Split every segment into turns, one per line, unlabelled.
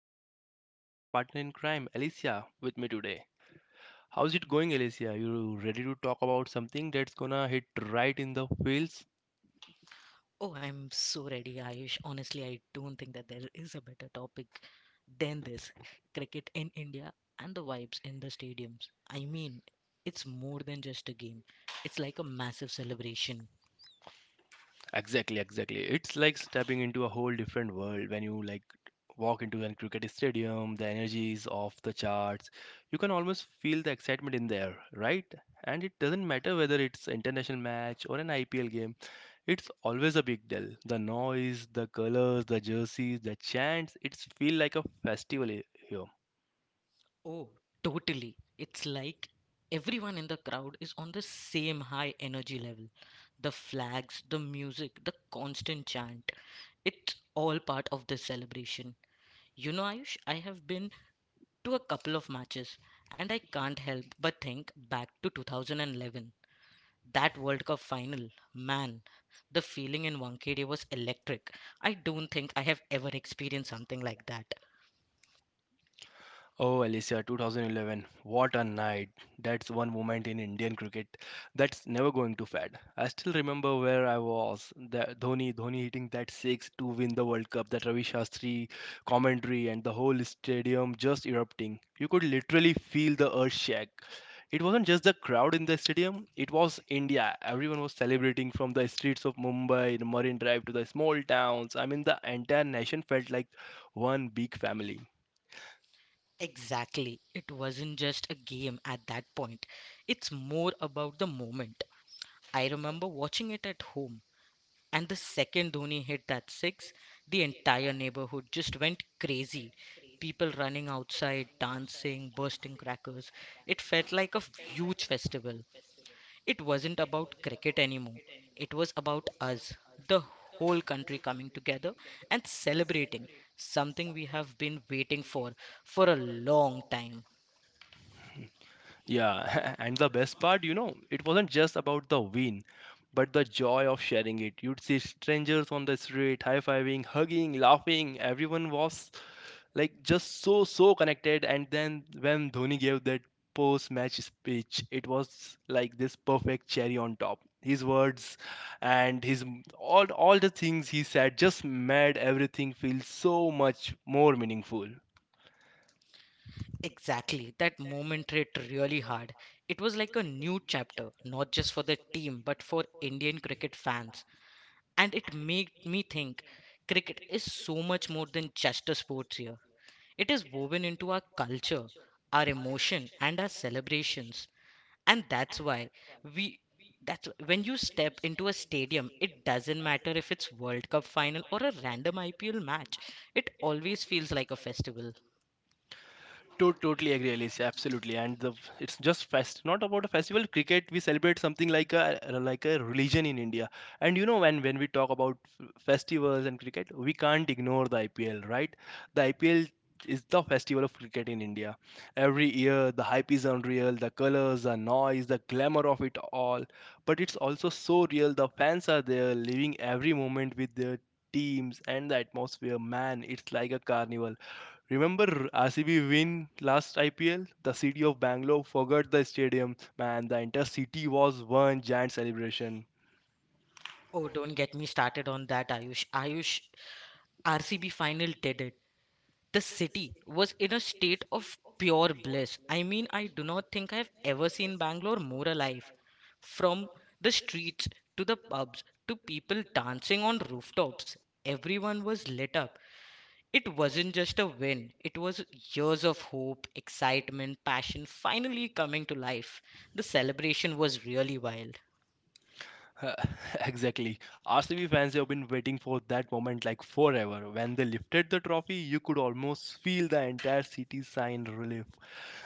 Ayush, and I've got my partner in crime, Alicia, with me today. How's it going, Alicia? You ready to talk about something that's gonna hit right in the feels?
Oh, I'm so ready, Ayush. Honestly, I don't think that there is a better topic than this. Cricket in India and the vibes in the stadiums. I mean, it's more than just a game, it's like a massive celebration.
Exactly, exactly. It's like stepping into a whole different world when you like walk into a cricket stadium. The energy is off the charts. You can almost feel the excitement in there, right? And it doesn't matter whether it's international match or an IPL game. It's always a big deal. The noise, the colors, the jerseys, the chants. It's feel like a festival here.
Oh, totally. It's like everyone in the crowd is on the same high energy level. The flags, the music, the constant chant. It's all part of this celebration. You know, Ayush, I have been to a couple of matches, and I can't help but think back to 2011. That World Cup final, man, the feeling in Wankhede was electric. I don't think I have ever experienced something like that.
Oh, Alicia, 2011. What a night. That's one moment in Indian cricket that's never going to fade. I still remember where I was. The Dhoni hitting that six to win the World Cup, that Ravi Shastri commentary, and the whole stadium just erupting. You could literally feel the earth shake. It wasn't just the crowd in the stadium, it was India. Everyone was celebrating from the streets of Mumbai, the Marine Drive, to the small towns. I mean, the entire nation felt like one big family.
Exactly. It wasn't just a game at that point, it's more about the moment. I remember watching it at home. And the second Dhoni hit that six, the entire neighborhood just went crazy. People running outside, dancing, bursting crackers. It felt like a huge festival. It wasn't about cricket anymore. It was about us, the whole country coming together and celebrating something we have been waiting for a long time.
Yeah, and the best part, you know, it wasn't just about the win, but the joy of sharing it. You'd see strangers on the street high fiving, hugging, laughing. Everyone was like just so connected. And then when Dhoni gave that post match speech, it was like this perfect cherry on top. His words and all the things he said just made everything feel so much more meaningful.
Exactly. That moment hit really hard. It was like a new chapter, not just for the team, but for Indian cricket fans. And it made me think cricket is so much more than just a sport here. It is woven into our culture, our emotion, and our celebrations. And that's why we that's when you step into a stadium, it doesn't matter if it's World Cup final or a random IPL match. It always feels like a festival.
Totally agree, Alicia. Absolutely, and the it's just fest. Not about a festival. Cricket, we celebrate something like a religion in India. And you know, when we talk about festivals and cricket, we can't ignore the IPL, right? The IPL is the festival of cricket in India. Every year, the hype is unreal. The colors, the noise, the glamour of it all. But it's also so real. The fans are there, living every moment with their teams and the atmosphere. Man, it's like a carnival. Remember RCB win last IPL? The city of Bangalore forgot the stadium. Man, the entire city was one giant celebration.
Oh, don't get me started on that, Ayush. Ayush, RCB final did it. The city was in a state of pure bliss. I mean, I do not think I've ever seen Bangalore more alive. From the streets to the pubs to people dancing on rooftops, everyone was lit up. It wasn't just a win, it was years of hope, excitement, passion finally coming to life. The celebration was really wild.
Exactly. RCB fans have been waiting for that moment like forever. When they lifted the trophy, you could almost feel the entire city sign relief.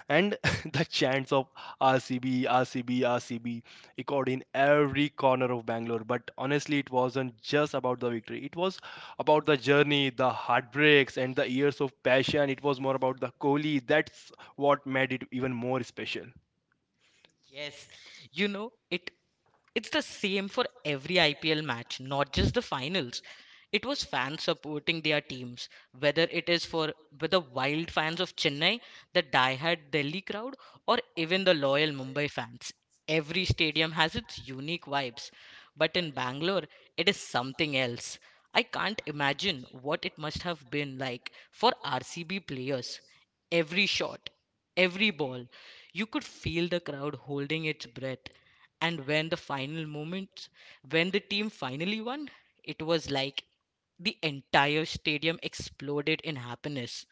And the chants of RCB, RCB, RCB echoed in every corner of Bangalore. But honestly, it wasn't just about the victory. It was about the journey, the heartbreaks, and the years of passion. It was more about the Kohli. That's what made it even more special.
Yes, you know, it's the same for every IPL match, not just the finals. It was fans supporting their teams, whether it is for with the wild fans of Chennai, the diehard Delhi crowd, or even the loyal Mumbai fans. Every stadium has its unique vibes, but in Bangalore, it is something else. I can't imagine what it must have been like for RCB players. Every shot, every ball, you could feel the crowd holding its breath, and when the team finally won, it was like the entire stadium exploded in happiness.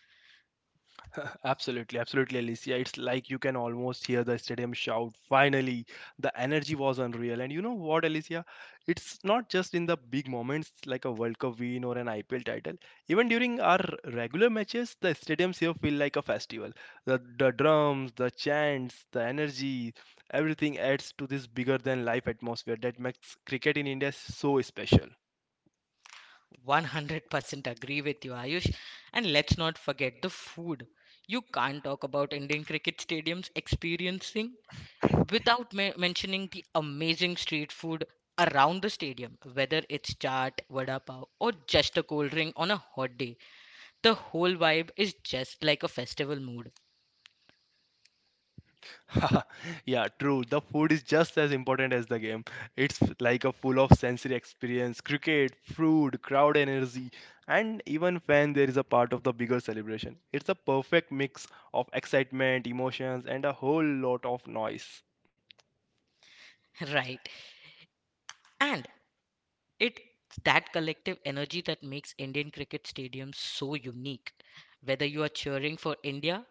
Absolutely, absolutely, Alicia. It's like you can almost hear the stadium shout. Finally, the energy was unreal. And you know what, Alicia? It's not just in the big moments like a World Cup win or an IPL title. Even during our regular matches, the stadiums here feel like a festival. The drums, the chants, the energy, everything adds to this bigger than life atmosphere that makes cricket in India so special.
100% agree with you, Ayush, and let's not forget the food. You can't talk about Indian cricket stadiums experiencing without mentioning the amazing street food around the stadium, whether it's chaat, vada pav, or just a cold drink on a hot day. The whole vibe is just like a festival mood.
Yeah, true. The food is just as important as the game. It's like a full of sensory experience, cricket, food, crowd energy, and even when there is a part of the bigger celebration. It's a perfect mix of excitement, emotions, and a whole lot of noise.
right, and It's that collective energy that makes Indian cricket stadiums so unique. Whether you are cheering for India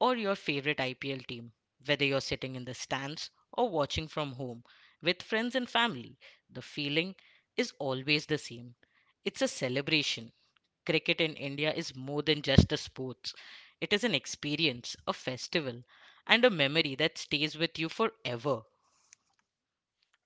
or your favorite IPL team, whether you're sitting in the stands or watching from home with friends and family, the feeling is always the same. It's a celebration. Cricket in India is more than just a sport. It is an experience, a festival, and a memory that stays with you forever.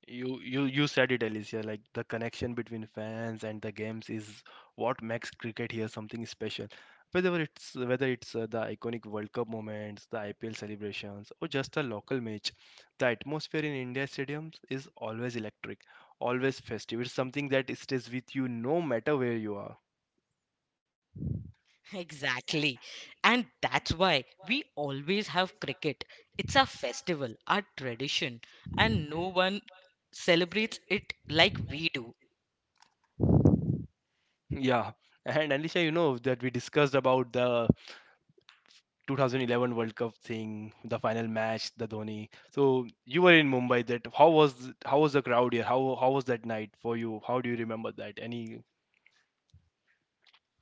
You said it, Alicia. Like the connection between fans and the games is what makes cricket here something special. Whether it's the iconic World Cup moments, the IPL celebrations, or just a local match, the atmosphere in India stadiums is always electric, always festive. It's something that stays with you no matter where you are.
Exactly. And that's why we always have cricket. It's a festival, a tradition, and no one celebrates it like we do.
Yeah, and Alicia, you know that we discussed about the 2011 World Cup thing, the final match, the Dhoni. So you were in Mumbai. That how was the crowd here? How was that night for you? How do you remember that? Any?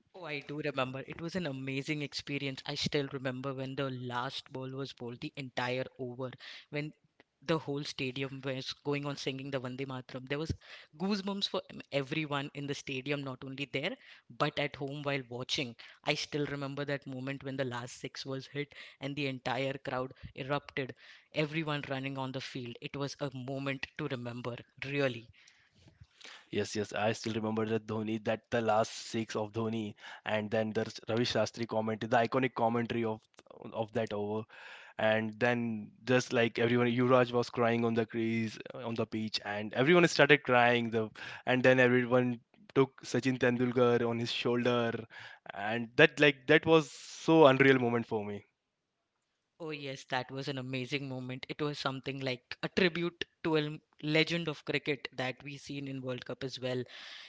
Oh, I do remember. It was an amazing experience. I still remember when the last ball was bowled, the entire over, when the whole stadium was going on singing the Vande Mataram. There was goosebumps for everyone in the stadium, not only there, but at home while watching. I still remember that moment when the last six was hit and the entire crowd erupted, everyone running on the field. It was a moment to remember, really.
Yes, yes, I still remember that Dhoni. That the last six of Dhoni, and then the Ravi Shastri commentary, the iconic commentary of that over. And then just like everyone Yuvraj was crying on the crease on the pitch and everyone started crying the and then everyone took Sachin Tendulkar on his shoulder and that like that was so unreal moment for me.
Oh, yes, that was an amazing moment. It was something like a tribute to a legend of cricket that we seen in World Cup as well.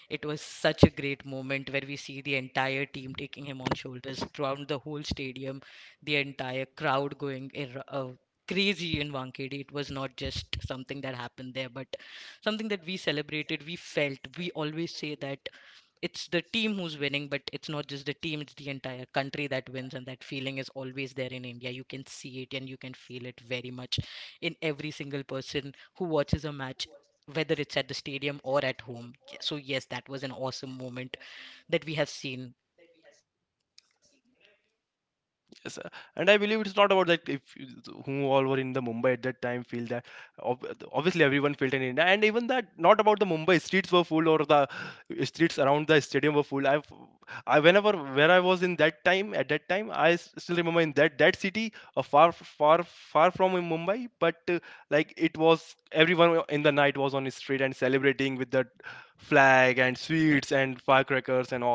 It was such a great moment where we see the entire team taking him on shoulders throughout the whole stadium, the entire crowd going crazy in Wankhede. It was not just something that happened there, but something that we celebrated, we felt. We always say that it's the team who's winning, but it's not just the team, it's the entire country that wins, and that feeling is always there in India. You can see it and you can feel it very much in every single person who watches a match, whether it's at the stadium or at home. So, yes, that was an awesome moment that we have seen.
Yes, and I believe it's not about that if you- who all were in the Mumbai at that time feel that obviously everyone felt in India, and even that not about the Mumbai streets were full or the streets around the stadium were full. I whenever where I was in that time at that time still remember in that city far far far from in Mumbai, but like it was everyone in the night was on the street and celebrating with the flag and sweets and firecrackers and all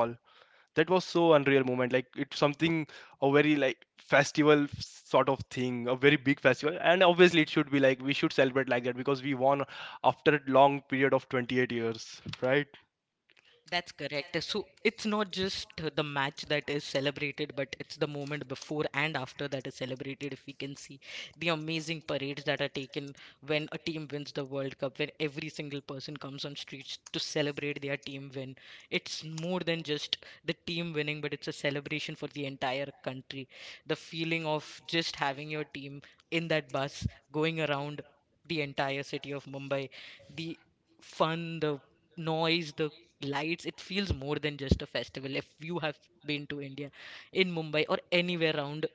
that was so unreal moment, like it's something a very like festival sort of thing, a very big festival. And obviously it should be like we should celebrate like that because we won after a long period of 28 years, right?
That's correct. So it's not just the match that is celebrated, but it's the moment before and after that is celebrated. If we can see the amazing parades that are taken when a team wins the World Cup, when every single person comes on streets to celebrate their team win. It's more than just the team winning, but it's a celebration for the entire country. The feeling of just having your team in that bus going around the entire city of Mumbai, the fun, the noise, the lights, it feels more than just a festival. If you have been to India, in Mumbai or anywhere around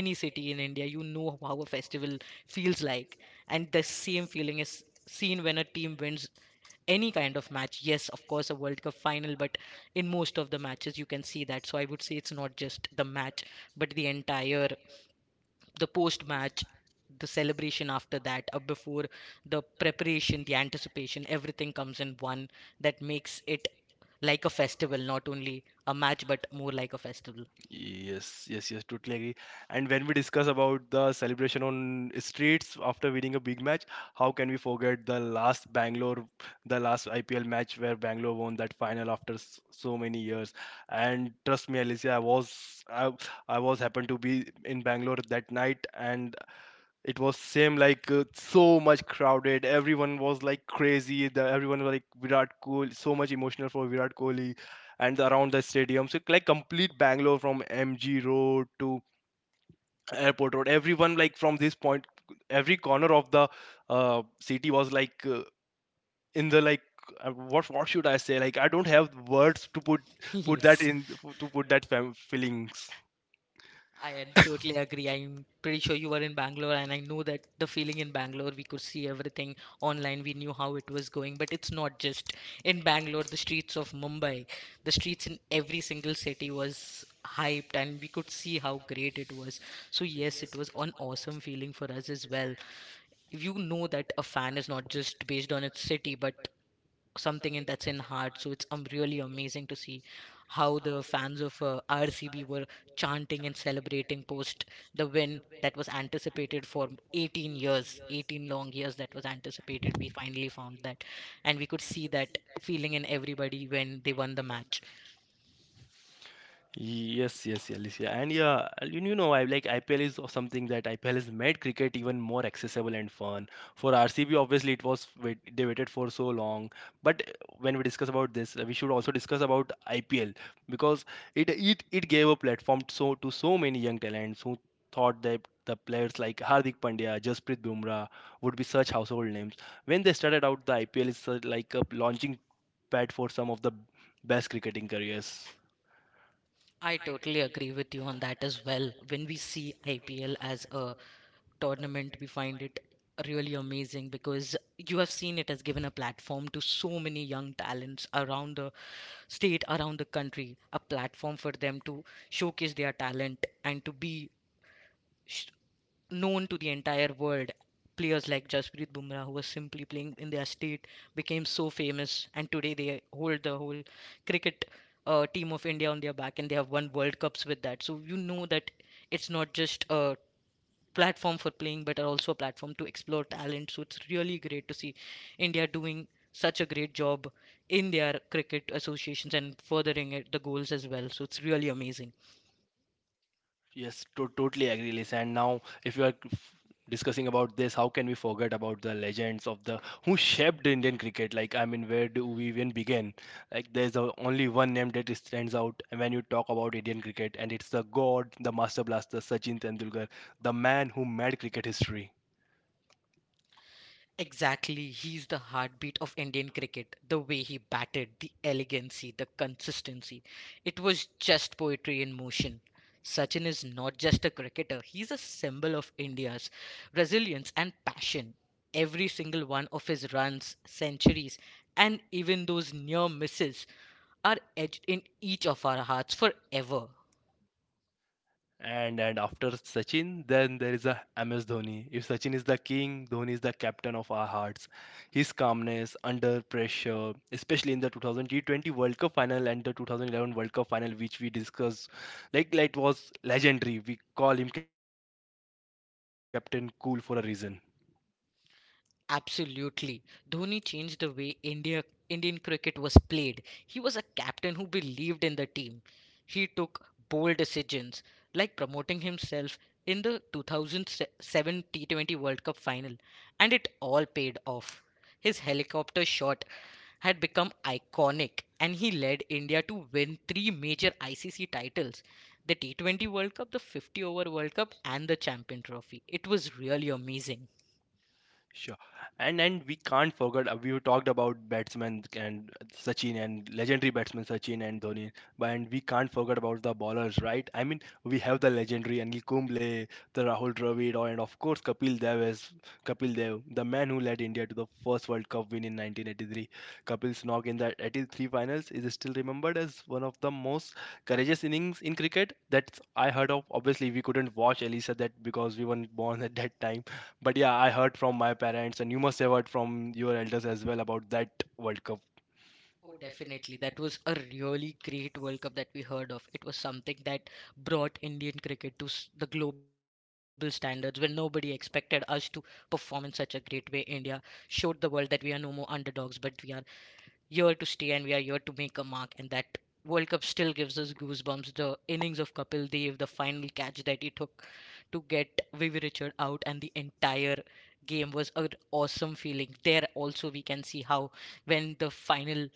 any city in India, you know how a festival feels like, and the same feeling is seen when a team wins any kind of match. Yes, of course, a World Cup final, but in most of the matches you can see that. So I would say it's not just the match, but the entire, the post match, the celebration after that, before, the preparation, the anticipation, everything comes in one that makes it like a festival, not only a match, but more like a festival.
Yes, yes, yes, totally agree. And when we discuss about the celebration on streets after winning a big match, how can we forget the last Bangalore, the last IPL match where Bangalore won that final after so many years? And trust me, Alicia, I was happened to be in Bangalore that night, and it was same like so much crowded. Everyone was like crazy, the, everyone was like Virat Kohli, so much emotional for Virat Kohli and around the stadium. So like complete Bangalore, from MG Road to airport road, everyone like from this point every corner of the uh, city was like in the like what should I say, like I don't have words to put put that
yes,
in to put that feelings.
I am totally agree. I'm pretty sure you were in Bangalore, and I know that the feeling in Bangalore, we could see everything online. We knew how it was going, but it's not just in Bangalore, the streets of Mumbai, the streets in every single city was hyped, and we could see how great it was. So, yes, it was an awesome feeling for us as well. If you know that a fan is not just based on its city but something in that's in heart, so it's really amazing to see how the fans of RCB were chanting and celebrating post the win that was anticipated for 18 years. 18 long years that was anticipated, we finally found that, and we could see that feeling in everybody when they won the match.
Yes, yes, yeah, Alicia. And yeah, and you know, I like IPL is of something that IPL has made cricket even more accessible and fun. For RCB, obviously, it was wait, they waited for so long. But when we discuss about this, we should also discuss about IPL because it gave a platform so to so many young talents who thought that the players like Hardik Pandya, Jasprit Bumrah would be such household names. When they started out, the IPL is like a launching pad for some of the best cricketing careers.
I totally agree with you on that as well. When we see IPL as a tournament, we find it really amazing because you have seen it has given a platform to so many young talents around the state, around the country, a platform for them to showcase their talent and to be sh- known to the entire world. Players like Jasprit Bumrah, who was simply playing in their state, became so famous, and today they hold the whole cricket team of India on their back, and they have won World Cups with that. So you know that it's not just a platform for playing, but are also a platform to explore talent. So it's really great to see India doing such a great job in their cricket associations and furthering it, the goals as well. So it's really amazing.
Yes, totally agree, Lisa. And now, if you are discussing about this, how can we forget about the legends of the who shaped Indian cricket? Like, I mean, where do we even begin? Like, there's a, only one name that stands out when you talk about Indian cricket, and it's the god, the master blaster, Sachin Tendulkar, the man who made cricket history.
Exactly, he's the heartbeat of Indian cricket. The way he batted, the elegancy, the consistency. It was just poetry in motion. Sachin is not just a cricketer, he's a symbol of India's resilience and passion. Every single one of his runs, centuries, and even those near misses are etched in each of our hearts forever.
And after Sachin, then there is a MS Dhoni. If Sachin is the king, Dhoni is the captain of our hearts. His calmness under pressure, especially in the 2000 T20 World Cup final and the 2011 World Cup final, which we discussed, like that was legendary. We call him Captain Cool for a reason.
Absolutely. Dhoni changed the way India Indian cricket was played. He was a captain who believed in the team. He took bold decisions like promoting himself in the 2007 T20 World Cup final, and it all paid off. His helicopter shot had become iconic, and he led India to win three major ICC titles: the T20 World Cup, the 50 over World Cup, and the Champion Trophy. It was really amazing.
Sure. And we can't forget we talked about batsmen and Sachin and legendary batsmen Sachin and Dhoni. But and we can't forget about the bowlers, right? I mean, we have the legendary Anil Kumble, the Rahul Dravid, and of course Kapil Dev, the man who led India to the first World Cup win in 1983. Kapil's knock in the 83 finals is still remembered as one of the most courageous innings in cricket. That's I heard of. Obviously, we couldn't watch Elisa that because we weren't born at that time, but yeah, I heard from my parents, and you must have heard from your elders as well about that World Cup.
Oh, definitely. That was a really great World Cup that we heard of. It was something that brought Indian cricket to the global standards when nobody expected us to perform in such a great way. India showed the world that we are no more underdogs, but we are here to stay and we are here to make a mark. And that World Cup still gives us goosebumps. The innings of Kapil Dev, the final catch that he took to get Vivi Richard out, and the entire game was an awesome feeling. There also we can see how when the final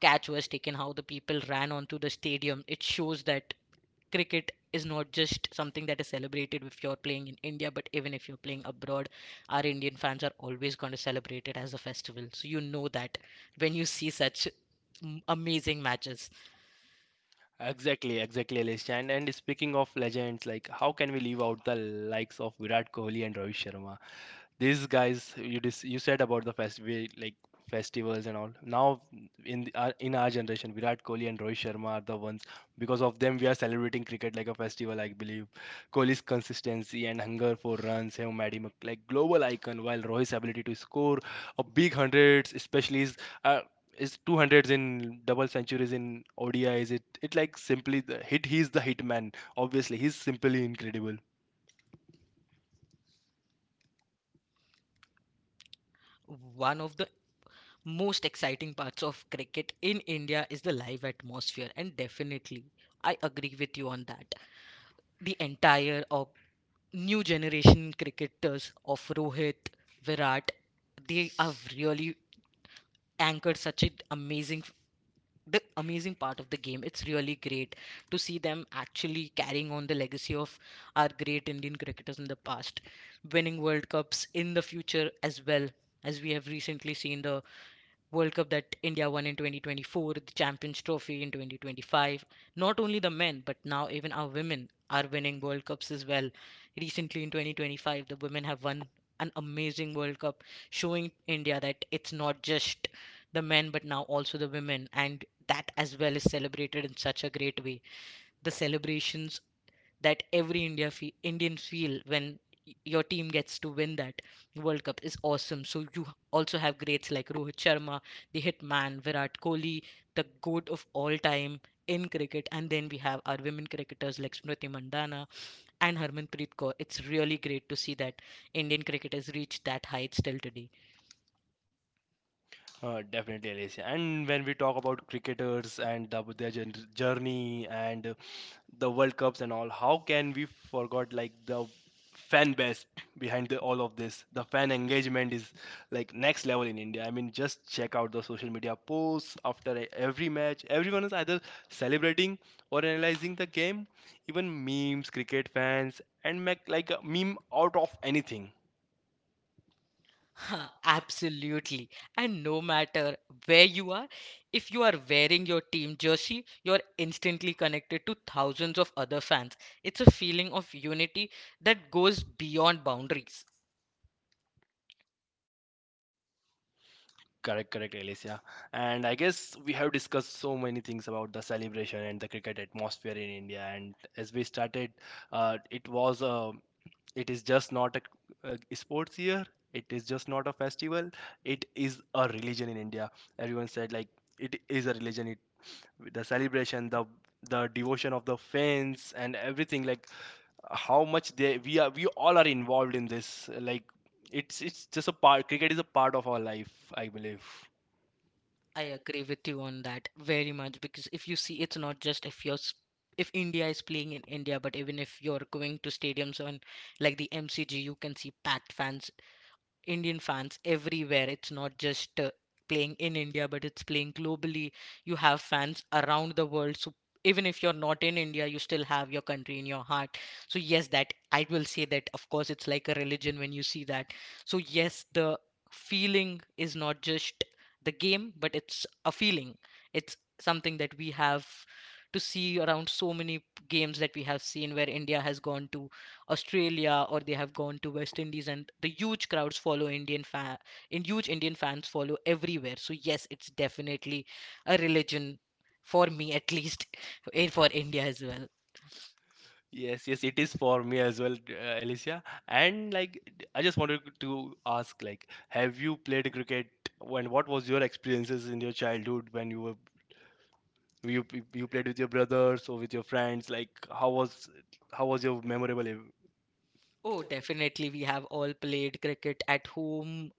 catch was taken, how the people ran onto the stadium. It shows that cricket is not just something that is celebrated if you're playing in India, but even if you're playing abroad, our Indian fans are always going to celebrate it as a festival. So you know that when you see such amazing matches.
Exactly, exactly, Alish. And speaking of legends, like how can we leave out the likes of Virat Kohli and Rohit Sharma? These guys, you said about the festival, like festivals and all. Now in the, our, in our generation, Virat Kohli and Rohit Sharma are the ones. Because of them, we are celebrating cricket like a festival, I believe. Kohli's consistency and hunger for runs have made him a, like global icon, while Rohit's ability to score a big hundreds, especially uh, his 200s in double centuries in ODI, is it like simply the hit. He's the hitman. Obviously, he's simply incredible.
One of the most exciting parts of cricket in India is the live atmosphere, and definitely I agree with you on that. The entire new generation cricketers of Rohit, Virat, they have really anchored such an amazing the amazing part of the game. It's really great to see them actually carrying on the legacy of our great Indian cricketers in the past, winning World Cups in the future as well, as we have recently seen the World Cup that India won in 2024, the Champions Trophy in 2025. Not only the men, but now even our women are winning World Cups as well. Recently in 2025, the women have won an amazing World Cup, showing India that it's not just the men, but now also the women. And that as well is celebrated in such a great way. The celebrations that every Indian feel when your team gets to win that World Cup is awesome. So you also have greats like Rohit Sharma, the hitman, Virat Kohli, the goat of all time in cricket, and then we have our women cricketers like Smriti Mandana and Harmanpreet Kaur. It's really great to see that Indian cricket has reached that height still today.
Definitely, Alicia. And when we talk about cricketers and the, their journey and the World Cups and all, how can we forget like the fan base behind the, all of this? The fan engagement is like next level in India. I mean, just check out the social media posts after every match. Everyone is either celebrating or analyzing the game. Even memes, cricket fans, and make like a meme out of anything.
Huh, absolutely. And no matter where you are, if you are wearing your team jersey, you're instantly connected to thousands of other fans. It's a feeling of unity that goes beyond boundaries.
Correct, correct, Alicia. And I guess we have discussed so many things about the celebration and the cricket atmosphere in India. And as we started, it was a, it is just not a, a sports year. It is just not a festival. It is a religion in India. Everyone said like it is a religion. It the celebration, the devotion of the fans and everything, like how much they we are we all are involved in this, like it's just a part, cricket is a part of our life, I believe.
I agree with you on that very much because if you see, it's not just if you're s- if India is playing in India, but even if you're going to stadiums on like the MCG, you can see packed fans, Indian fans everywhere. It's not just playing in India, but it's playing globally. You have fans around the world. So even if you're not in India, you still have your country in your heart. So yes, that I will say that of course it's like a religion when you see that. So yes, the feeling is not just the game, but it's a feeling. It's something that we have to see around so many games that we have seen where India has gone to Australia or they have gone to West Indies and the huge crowds follow Indian fan and huge Indian fans follow everywhere. So yes, it's definitely a religion for me at least and for India as well.
Yes, yes, it is for me as well, Alicia. And like, I just wanted to ask, like, have you played cricket? When what was your experiences in your childhood when you were you played with your brothers or with your friends? Like, how was your memorable? Ev-
Oh, definitely. We have all played cricket at home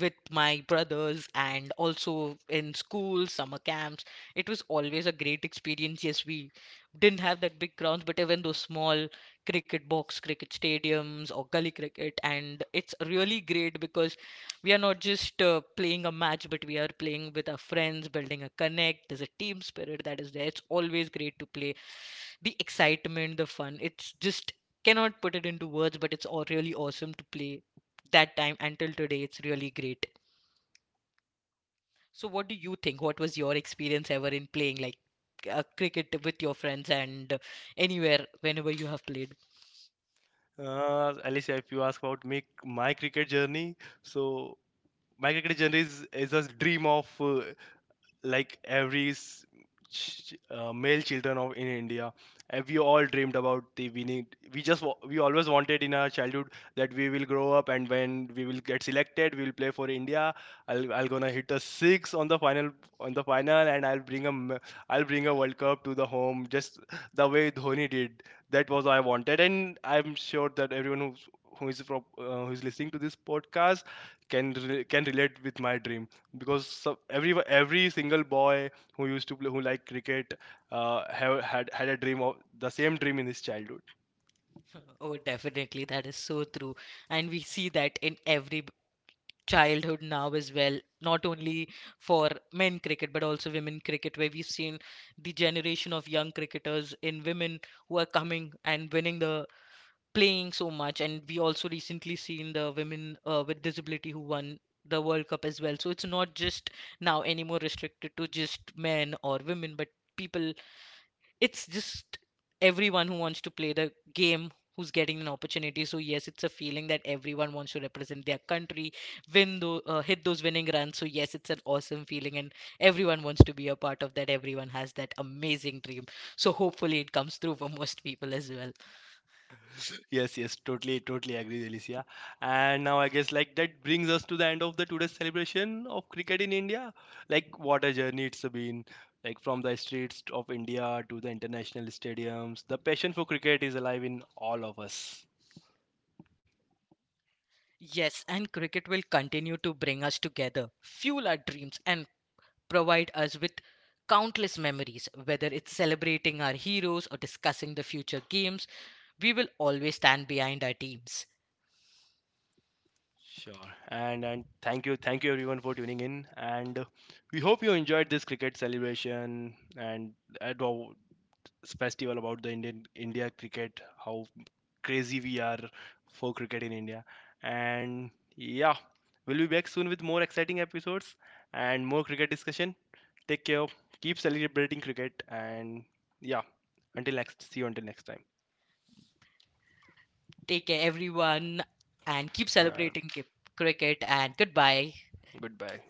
with my brothers and also in school, summer camps. It was always a great experience. Yes, we didn't have that big grounds, but even those small cricket box, cricket stadiums, or gully cricket, and it's really great because we are not just playing a match, but we are playing with our friends, building a connect. There's a team spirit that is there. It's always great to play, the excitement, the fun. It's just cannot put it into words, but it's all really awesome to play that time until today. It's really great. So, what do you think? What was your experience ever in playing like cricket with your friends and anywhere, whenever you have played?
Alicia, if you ask about me, my cricket journey, so my cricket journey is a dream of like every male children of in India, we all dreamed about the we need we just we always wanted in our childhood that we will grow up and when we will get selected, we will play for India. I'll gonna hit a six on the final and I'll bring a I'll bring a World Cup to the home just the way Dhoni did. That was what I wanted, and I'm sure that everyone who is from who is listening to this podcast can relate with my dream, because so, every single boy who used to play who liked cricket have had had a dream of the same dream in his childhood.
Oh, definitely, that is so true, and we see that in every childhood now as well. Not only for men cricket, but also women cricket, where we've seen the generation of young cricketers in women who are coming and winning the playing so much. And we also recently seen the women with disability who won the World Cup as well. So it's not just now anymore restricted to just men or women, but people, it's just everyone who wants to play the game, who's getting an opportunity. So yes, it's a feeling that everyone wants to represent their country, win those hit those winning runs. So yes, it's an awesome feeling, and everyone wants to be a part of that. Everyone has that amazing dream, so hopefully it comes through for most people as well.
Yes, yes, totally totally agree, Alicia. And now I guess like that brings us to the end of the today's celebration of cricket in India. Like what a journey it's been, like from the streets of India to the international stadiums, the passion for cricket is alive in all of us.
Yes, and cricket will continue to bring us together, fuel our dreams, and provide us with countless memories. Whether it's celebrating our heroes or discussing the future games, we will always stand behind our teams.
Sure. And thank you everyone for tuning in. And we hope you enjoyed this cricket celebration and at our festival about the Indian India cricket, how crazy we are for cricket in India. And yeah, we'll be back soon with more exciting episodes and more cricket discussion. Take care. Keep celebrating cricket and yeah. Until next, see you until next time.
Take care, everyone, and keep
Uh,
celebrating cricket, and goodbye.
goodbye.